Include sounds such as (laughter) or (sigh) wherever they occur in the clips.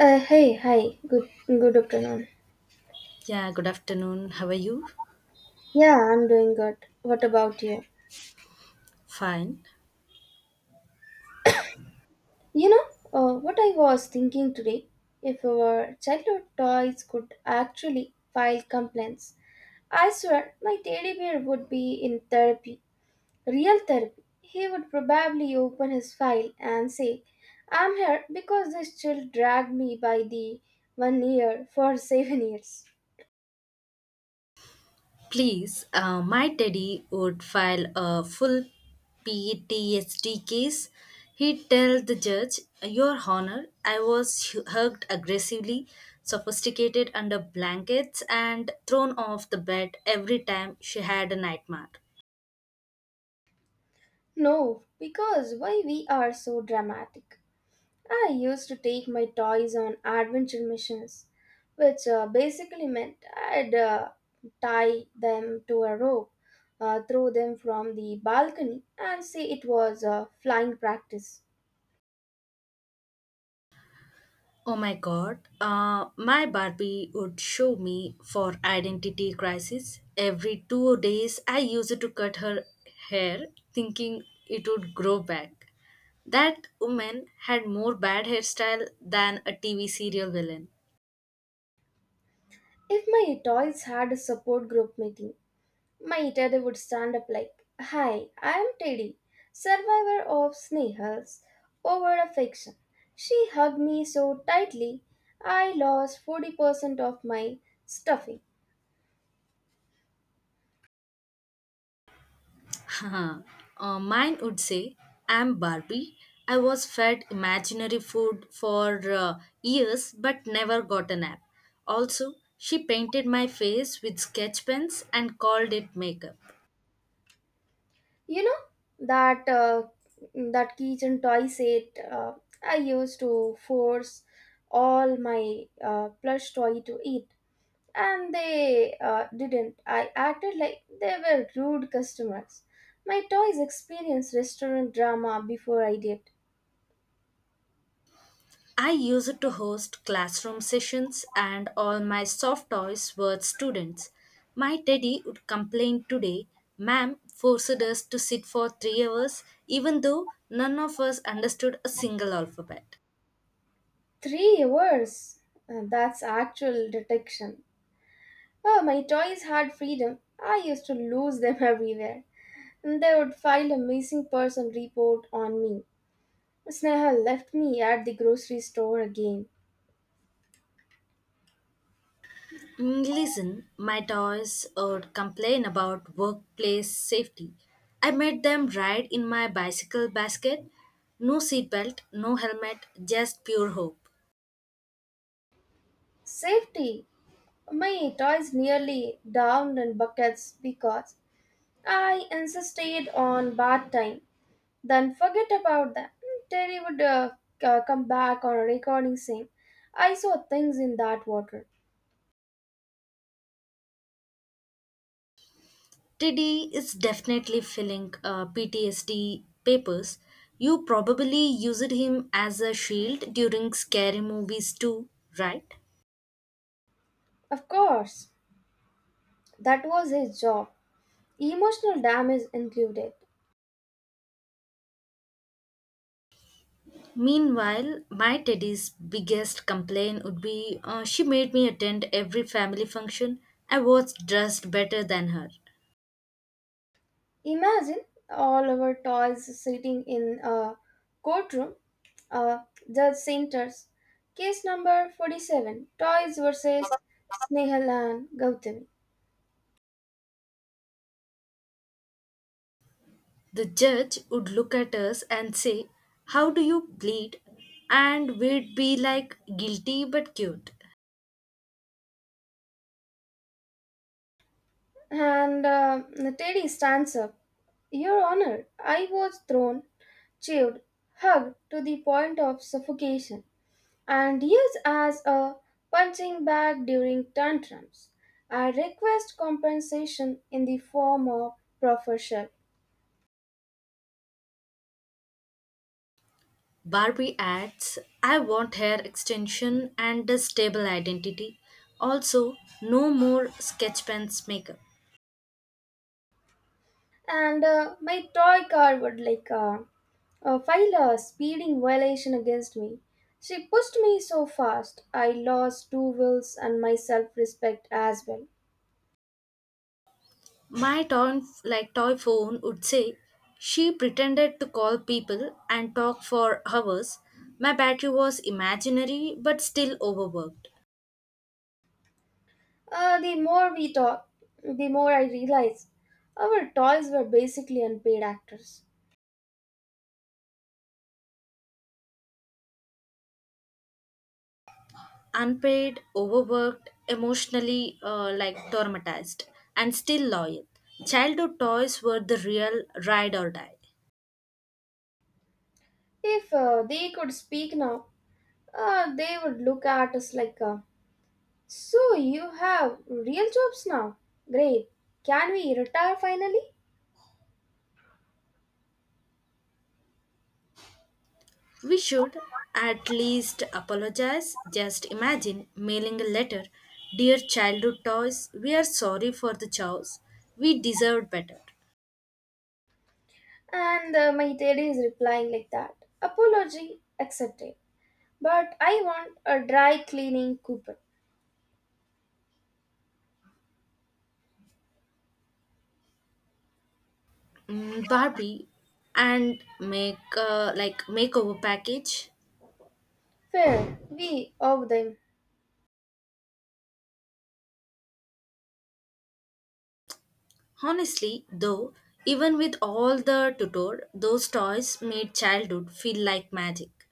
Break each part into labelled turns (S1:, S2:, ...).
S1: Hey, hi. Good afternoon.
S2: Yeah, good afternoon. How are you?
S1: Yeah, I'm doing good. What about you?
S2: Fine.
S1: You know, what I was thinking today, if our childhood toys could actually file complaints, I swear my teddy bear would be in therapy, real therapy. He would probably open his file and say, "I'm here because this child dragged me by the one ear for (laughs) 7 years."
S2: Please, my daddy would file a full PTSD case. He'd tell the judge, Your Honor, I was hugged aggressively, sophisticated under blankets, and thrown off the bed every time she had a nightmare.
S1: No, because why we are so dramatic. I used to take my toys on adventure missions, which basically meant I'd tie them to a rope, throw them from the balcony, and say it was flying practice.
S2: Oh my god, my Barbie would show me for identity crisis. Every 2 days, I used to cut her hair thinking it would grow back. That woman had more bad hairstyle than a TV serial villain.
S1: If my toys had a support group meeting, my Teddy would stand up like, hi, I am Teddy, survivor of snails over affection. She hugged me so tightly, I lost 40% of my stuffing.
S2: (laughs) Haha. Mine would say, I'm Barbie. I was fed imaginary food for years but never got a nap. Also, she painted my face with sketch pens and called it makeup.
S1: You know that that kitchen toy set. I used to force all my plush toy to eat, and they didn't. I acted like they were rude customers. My toys experienced restaurant drama before I did.
S2: I used to host classroom sessions, and all my soft toys were students. My teddy would complain today, Ma'am forced us to sit for 3 hours, even though none of us understood a single alphabet.
S1: 3 hours? That's actual detection. Oh, my toys had freedom. I used to lose them (laughs) everywhere, and they would file a missing person report on me. Sneha left me at the grocery store again.
S2: Listen, my toys would complain about workplace safety. I made them ride in my bicycle basket. No seatbelt, no helmet, just pure hope.
S1: Safety! My toys nearly drowned in buckets because I insisted on bath time. Then forget about that. Terry would come back on a recording saying, I saw things in that water.
S2: Teddy is definitely filling PTSD papers. You probably used him as a shield during scary movies too, right?
S1: Of course, that was his job, emotional damage included.
S2: Meanwhile, my Teddy's biggest complaint would be she made me attend every family function. I was dressed better than her.
S1: Imagine all our toys sitting in a courtroom, a judge centers. Case number 47, Toys versus Snehal and Gautami.
S2: The judge would look at us and say, how do you bleed? And we'd be like, guilty but cute.
S1: And Teddy stands up. Your Honor, I was thrown, chewed, hugged to the point of suffocation, and used as a punching bag during tantrums. I request compensation in the form of proper professional.
S2: Barbie adds, I want hair extension and a stable identity. Also, no more sketch pens makeup.
S1: And my toy car would file a speeding violation against me. She pushed me so fast, I lost two wheels and my self respect as well.
S2: My toy, like toy phone would say, she pretended to call people and talk for hours. My battery was imaginary but still overworked.
S1: The more we talk, the more I realize our toys were basically unpaid actors.
S2: Unpaid, overworked, emotionally traumatized, and still loyal. Childhood toys were the real ride or die.
S1: If they could speak now, they would look at us like, so you have real jobs now? Great. Can we retire finally?
S2: We should at least apologize. Just imagine mailing a letter: dear childhood toys, we are sorry for the chows. We deserved better.
S1: And my lady is replying like that. Apology accepted. But I want a dry cleaning coupon.
S2: Mm, Barbie and make makeover package.
S1: Fair, we owe them.
S2: Honestly, though, even with all the tutor, those toys made childhood feel like magic.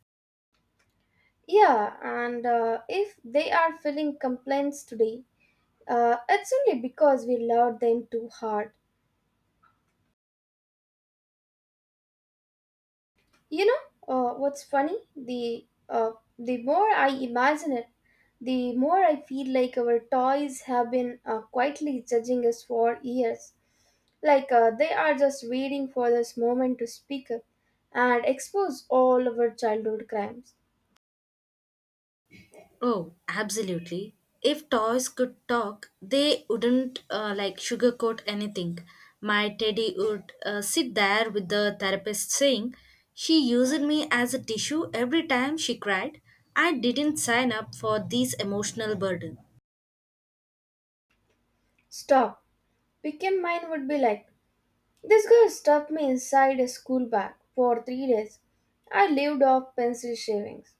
S1: Yeah, and if they are filling complaints today, it's only because we loved them too hard. You know what's funny? The more I imagine it, the more I feel like our toys have been quietly judging us for years. Like they are just waiting for this moment to speak up and expose all of our childhood crimes.
S2: Oh, absolutely. If toys could talk, they wouldn't sugarcoat anything. My teddy would sit there with the therapist saying, she used me as a tissue every time she cried. I didn't sign up for this emotional burden.
S1: Stop. Became mine would be like, this girl stuffed me inside a school bag for 3 days. I lived off pencil shavings.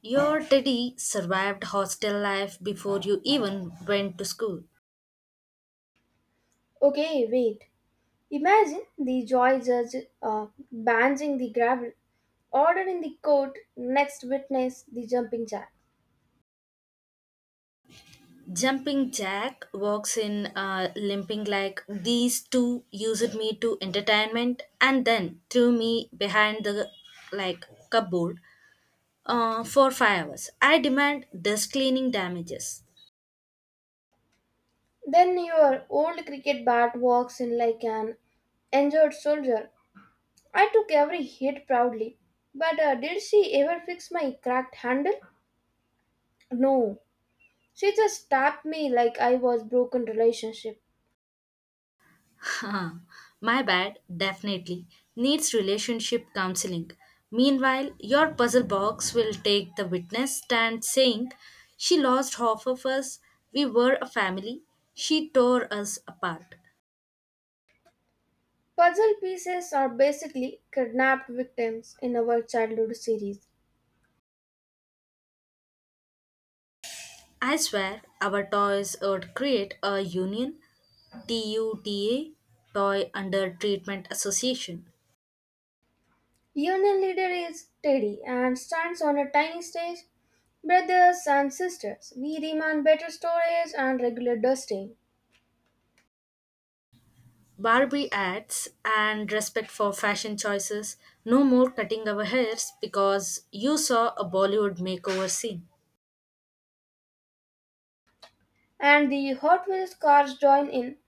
S2: Your teddy survived hostel life before you even went to school.
S1: Okay, wait. Imagine the joy judge banging the gravel, ordering the court, next witness the jumping jack.
S2: Jumping Jack walks in, limping like these two used me to entertainment and then threw me behind the like cupboard for 5 hours. I demand desk cleaning damages. (laughs)
S1: Then your old cricket bat walks in like an injured soldier. I took every hit proudly. But did she ever fix my cracked handle? No. She just tapped me like I was broken relationship.
S2: Huh. My bad, definitely needs relationship counseling. Meanwhile, your puzzle box will take the witness stand saying, "She lost half of us. We were a family. She tore us apart."
S1: Puzzle pieces are basically kidnapped victims in our childhood series.
S2: I swear our toys would create a union, TUTA, Toy Under Treatment Association.
S1: Union leader is Teddy and stands on a tiny stage. Brothers and sisters, we demand better storage and regular dusting.
S2: Barbie ads and respect for fashion choices. No more cutting our hairs because you saw a Bollywood makeover scene.
S1: And the Hot Wheels cars join in.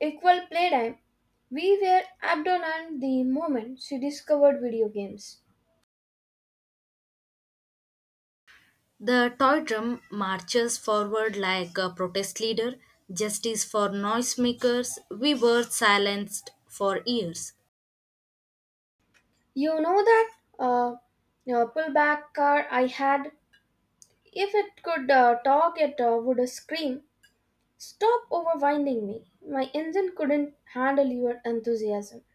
S1: Equal playtime. We were abandoned the moment she discovered video games.
S2: The toy drum marches forward like a protest leader. Justice for noisemakers. We were silenced for years.
S1: You know that pullback car I had? If it could talk, it would scream, stop overwinding me. My engine couldn't handle your enthusiasm.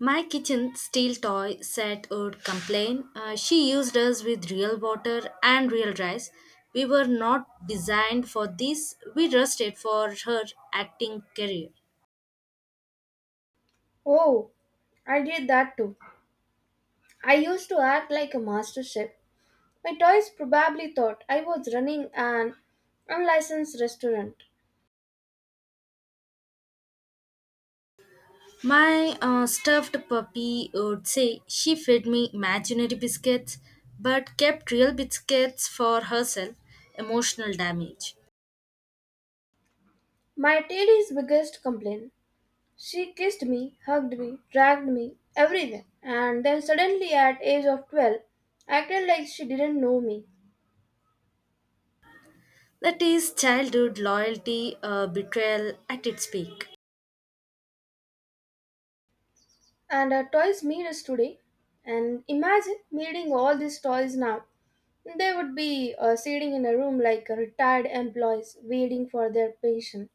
S2: My kitchen steel toy set would complain. She used us with real water and real rice. We were not designed for this. We rusted for her acting career.
S1: Oh, I did that too. I used to act like a master chef. My toys probably thought I was running an unlicensed restaurant.
S2: My stuffed puppy would say she fed me imaginary biscuits but kept real biscuits for herself. Emotional damage.
S1: My TD's biggest complaint. She kissed me, hugged me, dragged me, everywhere. And then suddenly at age of 12, acted like she didn't know me.
S2: That is childhood loyalty, betrayal at its peak.
S1: And her toys meet us today. And imagine meeting all these toys now. They would be sitting in a room like retired employees waiting for their pension.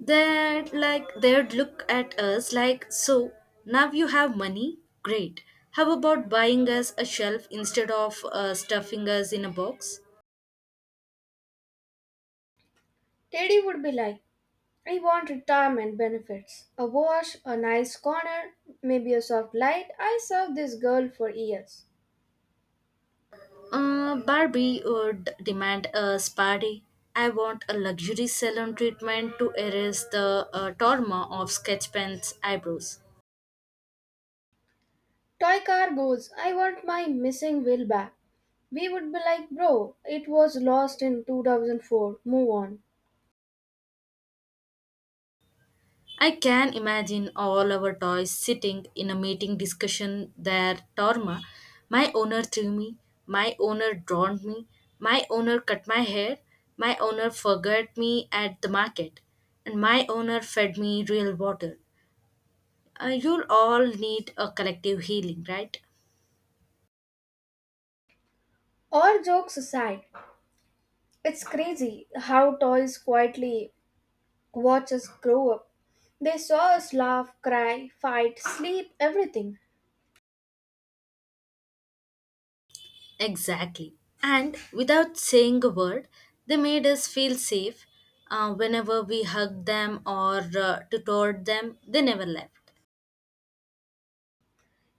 S2: They'd look at us like, so now you have money? Great. How about buying us a shelf instead of stuffing us in a box?
S1: Teddy would be like, I want retirement benefits. A wash, a nice corner, maybe a soft light. I served this girl for years.
S2: Barbie would demand a spa day. I want a luxury salon treatment to erase the trauma of sketch pen's eyebrows.
S1: Toy car goes, I want my missing wheel back. We would be like, bro, it was lost in 2004, move on.
S2: I can imagine all our toys sitting in a meeting discussion their torma. My owner threw me, my owner drowned me, my owner cut my hair, my owner forgot me at the market, and my owner fed me real water. You'll all need a collective healing, right?
S1: All jokes aside, it's crazy how toys quietly watch us grow up. They saw us laugh, cry, fight, sleep, everything.
S2: Exactly. And without saying a word, they made us feel safe. Whenever we hugged them or tutored them, they never left.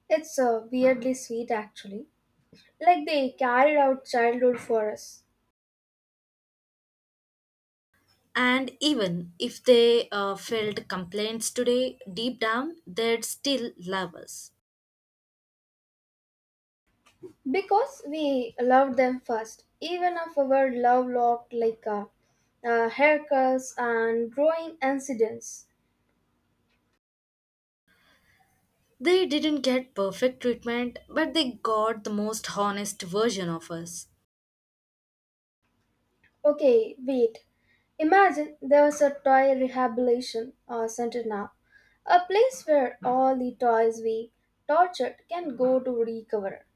S1: It's weirdly sweet actually. Like they carried out childhood for us.
S2: And even if they felt complaints today, deep down, they'd still love us.
S1: Because we loved them first, even if our love looked like haircuts and growing incidents.
S2: They didn't get perfect treatment, but they got the most honest version of us.
S1: Okay, wait. Imagine there's a toy rehabilitation center now, a place where all the toys we tortured can go to recover.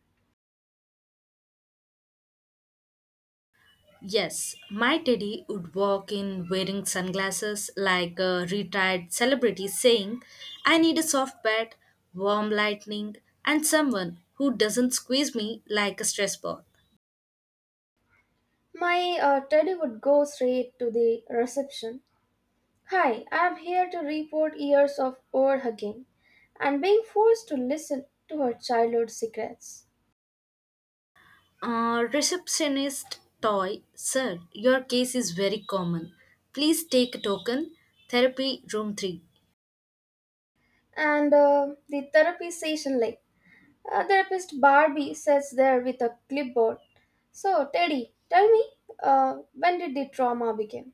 S2: Yes, my teddy would walk in wearing sunglasses like a retired celebrity saying, I need a soft bed, warm lightning, and someone who doesn't squeeze me like a stress ball.
S1: My teddy would go straight to the reception. Hi, I'm here to report years of overhugging and being forced to listen to her childhood secrets.
S2: Receptionist toy, sir, your case is very common. Please take a token. Therapy room 3.
S1: And the therapy session, like, therapist Barbie sits there with a clipboard. So, Teddy, tell me, when did the trauma begin?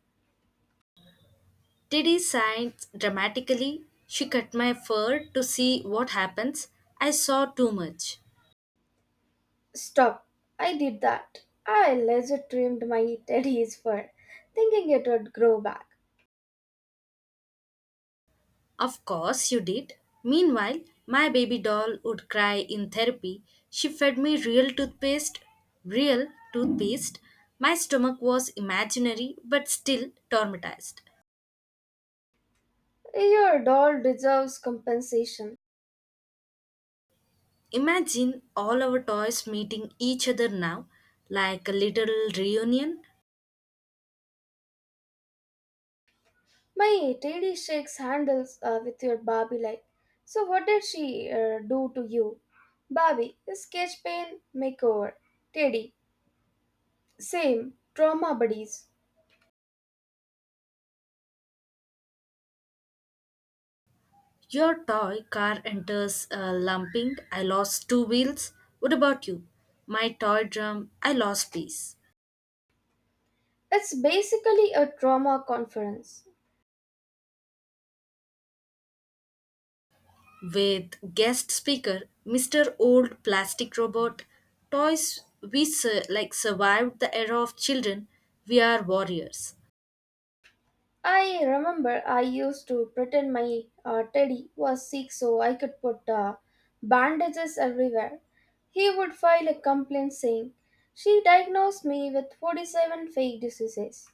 S2: Diddy sighed dramatically. She cut my fur to see what happens. I saw too much.
S1: Stop. I did that. I laser trimmed my Teddy's fur, thinking it would grow back.
S2: Of course, you did. Meanwhile, my baby doll would cry in therapy. She fed me real toothpaste, real toothpaste. My stomach was imaginary but still traumatized.
S1: Your doll deserves compensation.
S2: Imagine all our toys meeting each other now, like a little reunion.
S1: My Teddy shakes handles with your Barbie like. So, what did she do to you? Barbie, sketch pain, makeover. Teddy, same, trauma buddies.
S2: Your toy car enters lumping, I lost two wheels. What about you? My toy drum, I lost piece.
S1: It's basically a trauma conference.
S2: With guest speaker, Mr. Old Plastic Robot, toys we survived the era of children, we are warriors.
S1: I remember I used to pretend my teddy was sick so I could put bandages everywhere. He would file a complaint saying, she diagnosed me with 47 fake diseases.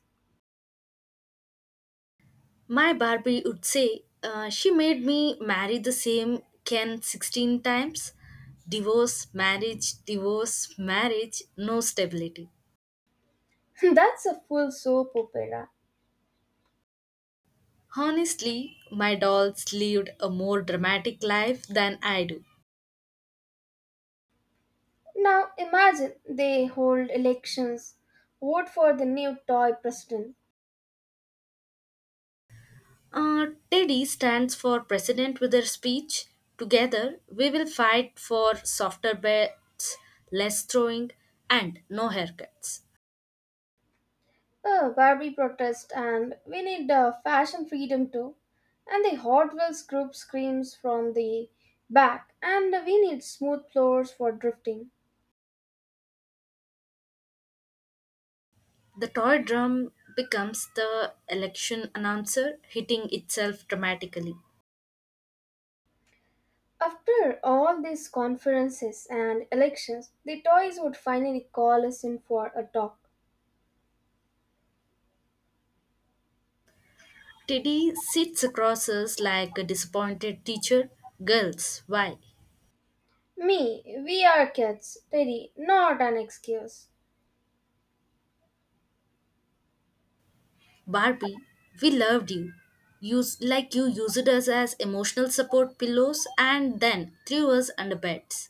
S2: My Barbie would say, she made me marry the same Ken 16 times. Divorce, marriage, no stability.
S1: (laughs) That's a full soap opera.
S2: Honestly, my dolls lived a more dramatic life than I do.
S1: Now imagine they hold elections, vote for the new toy president.
S2: Teddy stands for president with her speech. Together, we will fight for softer beds, less throwing, and no haircuts.
S1: Oh, Barbie protest and we need fashion freedom too. And the Hot Wheels group screams from the back and we need smooth floors for drifting.
S2: The toy drum becomes the election announcer, hitting itself dramatically.
S1: After all these conferences and elections, the toys would finally call us in for a talk.
S2: Teddy sits across us like a disappointed teacher. Girls, why?
S1: Me, we are kids, Teddy, not an excuse.
S2: Barbie, we loved you. Use like you used us as emotional support pillows and then threw us under beds.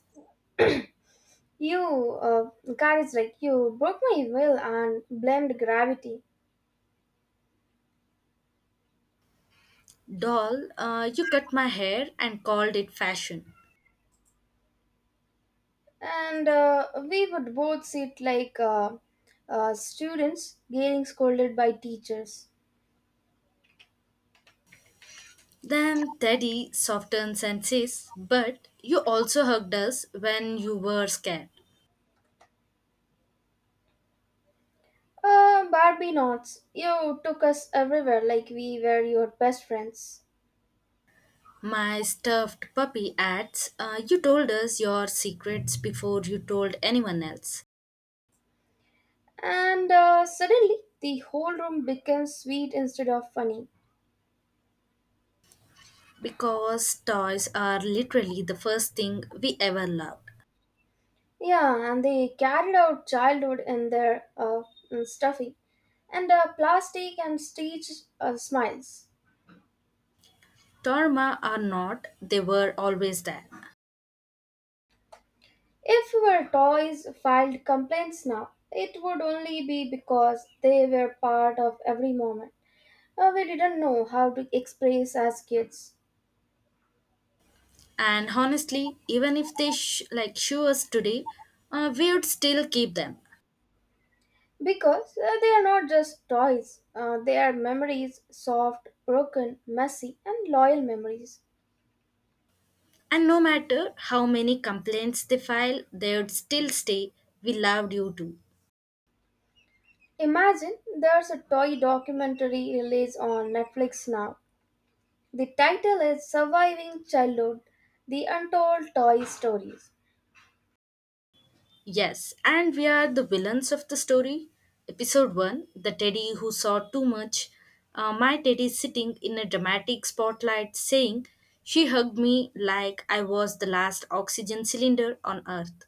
S1: You, God is like, you broke my will and blamed gravity.
S2: Doll, you cut my hair and called it fashion.
S1: And we would both sit like students getting scolded by teachers.
S2: Then Teddy softens and says, but you also hugged us when you were scared.
S1: Barbie knots, you took us everywhere like we were your best friends.
S2: My stuffed puppy adds, you told us your secrets before you told anyone else.
S1: And suddenly, the whole room became sweet instead of funny.
S2: Because toys are literally the first thing we ever loved.
S1: Yeah, and they carried out childhood in their stuffy and plastic and stitched smiles.
S2: Torma are not, they were always there.
S1: If our toys filed complaints now, it would only be because they were part of every moment. We didn't know how to express as kids.
S2: And honestly, even if they show us today, we would still keep them.
S1: Because they are not just toys, they are memories soft, broken, messy, and loyal memories.
S2: And no matter how many complaints they file, they would still stay. We loved you too.
S1: Imagine there's a toy documentary release on Netflix now. The title is Surviving Childhood, The Untold Toy Stories.
S2: Yes, and we are the villains of the story. Episode 1: the Teddy Who Saw Too Much. My teddy is sitting in a dramatic spotlight saying, she hugged me like I was the last oxygen cylinder on earth.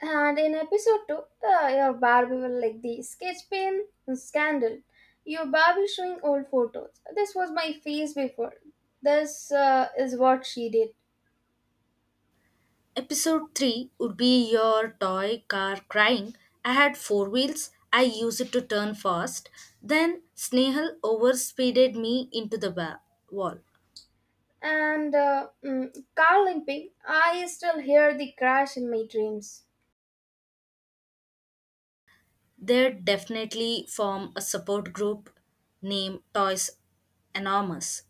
S1: And in episode 2, your Barbie will like the sketch pen scandal. Your Barbie showing old photos. This was my face before. This is what she did.
S2: Episode 3 would be your toy car crying. I had four wheels, I used it to turn fast. Then Snehal overspeeded me into the wall.
S1: And car limping, I still hear the crash in my dreams.
S2: They definitely form a support group named Toys Anonymous.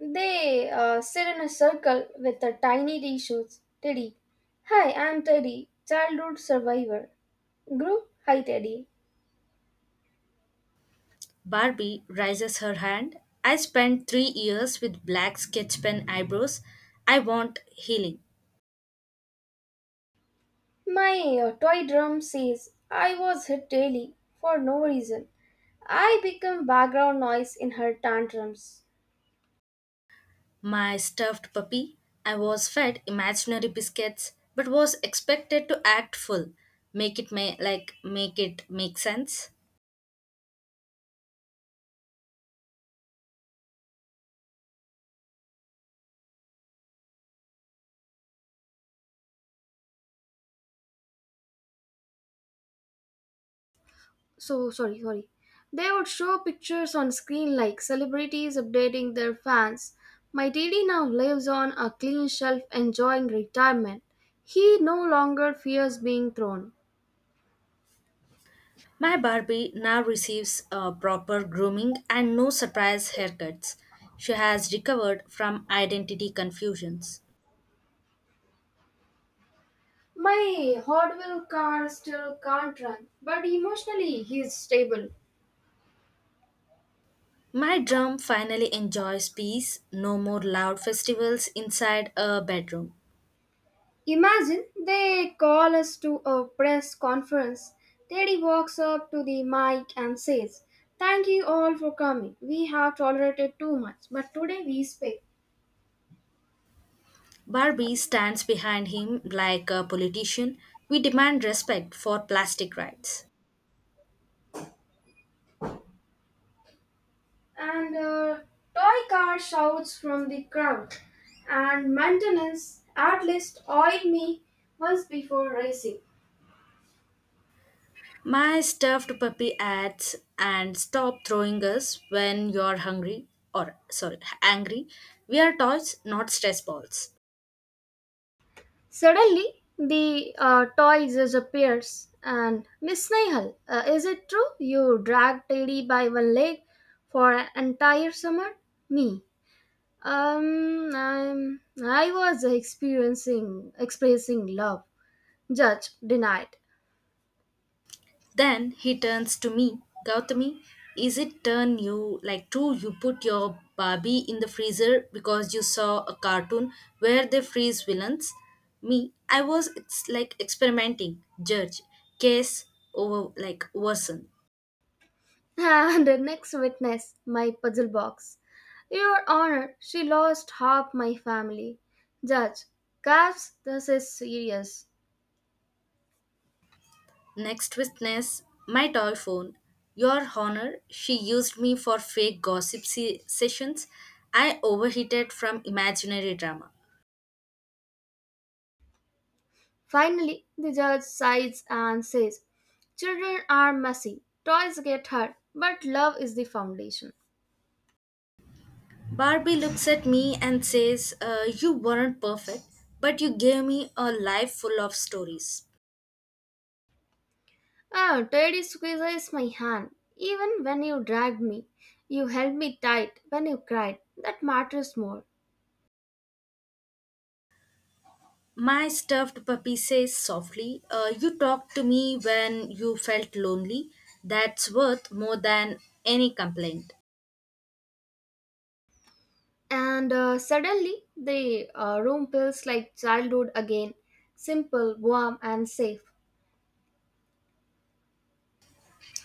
S1: They sit in a circle with the tiny tissues. Teddy. Hi, I'm Teddy, childhood survivor. Group, hi Teddy.
S2: Barbie raises her hand. I spent 3 years with black sketch pen eyebrows. I want healing.
S1: My toy drum says I was hit daily for no reason. I become background noise in her tantrums.
S2: My stuffed puppy. I was fed imaginary biscuits, but was expected to act full. Make it make sense.
S1: So sorry, sorry. They would show pictures on screen like celebrities updating their fans. My daddy now lives on a clean shelf enjoying retirement. He no longer fears being thrown.
S2: My Barbie now receives a proper grooming and no surprise haircuts. She has recovered from identity confusions.
S1: My Hot Wheel car still can't run, but emotionally he is stable.
S2: My drum finally enjoys peace, no more loud festivals inside a bedroom.
S1: Imagine they call us to a press conference. Teddy walks up to the mic and says, thank you all for coming. We have tolerated too much, but today we speak.
S2: Barbie stands behind him like a politician. We demand respect for plastic rights.
S1: And a toy car shouts from the crowd, and maintenance at least oil me once before racing.
S2: My stuffed puppy adds and stop throwing us when you're hungry or sorry, angry. We are toys, not stress balls.
S1: Suddenly, the toy disappears, and Miss Nehal, is it true you dragged Teddy by one leg for an entire summer? Me, I was experiencing expressing love. Judge denied.
S2: Then he turns to me. Gautami, is it turn you like true you put your Barbie in the freezer because you saw a cartoon where they freeze villains? Me, I was experimenting, judge, case over like worsen.
S1: (laughs) And the next witness, my puzzle box. Your Honor, she lost half my family. Judge, Cass, this is serious.
S2: Next witness, my toy phone. Your honor, she used me for fake gossip sessions. I overheated from imaginary drama.
S1: Finally, the judge sighs and says, children are messy, toys get hurt, but love is the foundation.
S2: Barbie looks at me and says, you weren't perfect, but you gave me a life full of stories.
S1: Ah, Teddy squeezes my hand. Even when you dragged me, you held me tight when you cried. That matters more.
S2: My stuffed puppy says softly, you talked to me when you felt lonely. That's worth more than any complaint.
S1: And suddenly, the room feels like childhood again, simple, warm, and safe.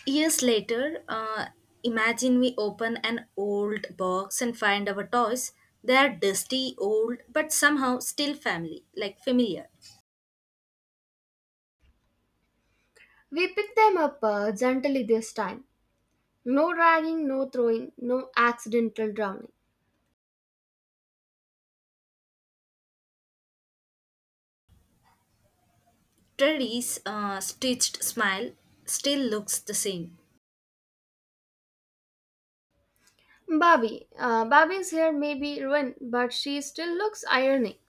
S2: Years later, imagine we open an old box and find our toys. They are dusty, old, but somehow still family, like familiar.
S1: We pick them up gently this time. No dragging, no throwing, no accidental drowning.
S2: Teddy's stitched smile still looks the same.
S1: Bobby. Bobby's hair may be ruined, but she still looks ironic.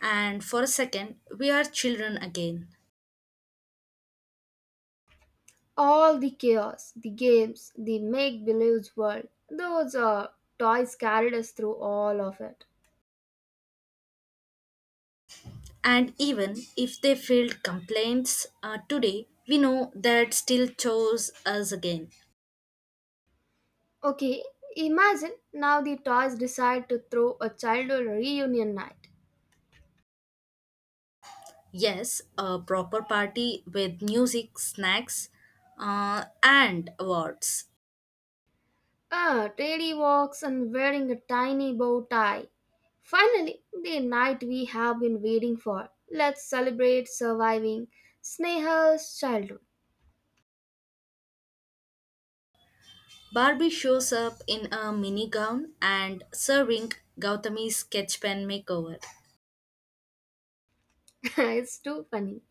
S2: And for a second, we are children again.
S1: All the chaos, the games, the make believe world, those toys carried us through all of it.
S2: And even if they filed complaints today, we know that still chose us again.
S1: Okay, imagine now the toys decide to throw a childhood reunion night.
S2: Yes, a proper party with music, snacks, and awards.
S1: Ah, Teddy walks and wearing a tiny bow tie. Finally, the night we have been waiting for. Let's celebrate surviving Sneha's childhood.
S2: Barbie shows up in a mini gown and serving Gautami's sketch pen makeover.
S1: (laughs) It's too funny.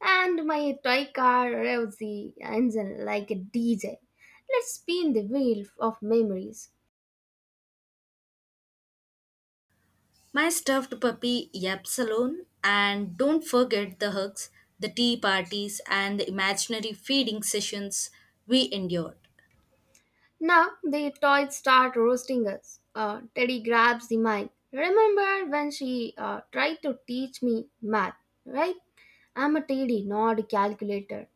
S1: And my toy car revs the engine like a DJ. Let's spin the wheel of memories.
S2: My stuffed puppy yaps alone, and don't forget the hugs, the tea parties, and the imaginary feeding sessions we endured.
S1: Now the toys start roasting us. Teddy grabs the mic. Remember when she tried to teach me math, right? I'm a Teddy, not a calculator.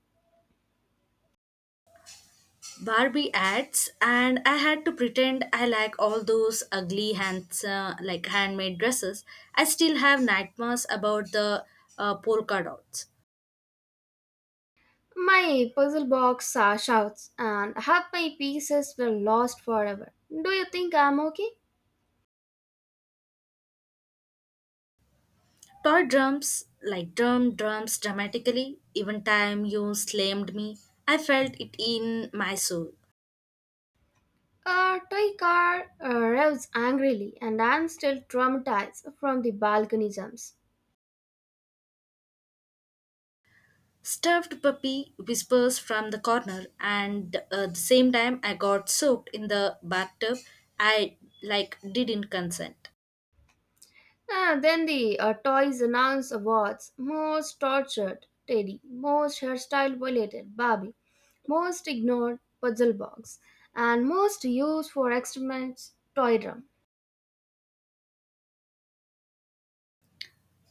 S2: Barbie ads, and I had to pretend I like all those ugly hands, handmade dresses. I still have nightmares about the polka dots.
S1: My puzzle box shouts, and half my pieces were lost forever. Do you think I'm okay?
S2: Toy drums, like drums dramatically, even time you slammed me, I felt it in my soul.
S1: A toy car revs angrily, and I'm still traumatized from the balcony jumps.
S2: Stuffed puppy whispers from the corner, and the same time I got soaked in the bathtub. I like didn't consent.
S1: Ah, then the toys announce awards, most tortured Teddy, most hairstyle violated Barbie, most ignored puzzle box, and most used for experiments toy drum.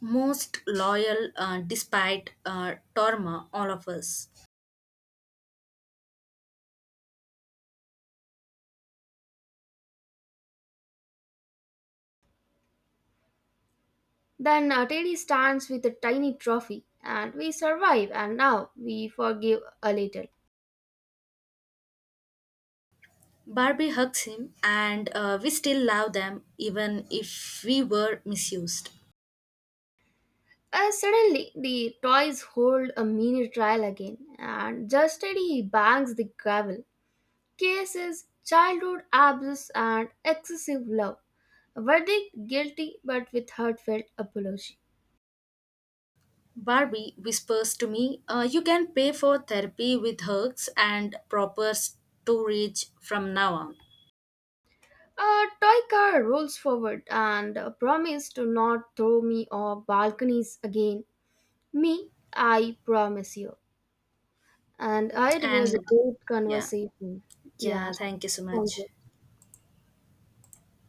S2: Most loyal, despite trauma, all of us.
S1: Then Teddy stands with a tiny trophy, and we survive, and now we forgive a little.
S2: Barbie hugs him, and we still love them even if we were misused.
S1: Suddenly, the toys hold a mini trial again, and just as he bangs the gravel, cases childhood abuse and excessive love. Verdict guilty but with heartfelt apology.
S2: Barbie whispers to me, "You can pay for therapy with hugs and proper storage from now on."
S1: A toy car rolls forward and a promise to not throw me off balconies again. Me, I promise you. And it was a
S2: And
S1: great
S2: yeah.
S1: conversation. Yeah,
S2: Yeah, thank you so
S1: thank
S2: much.
S1: you.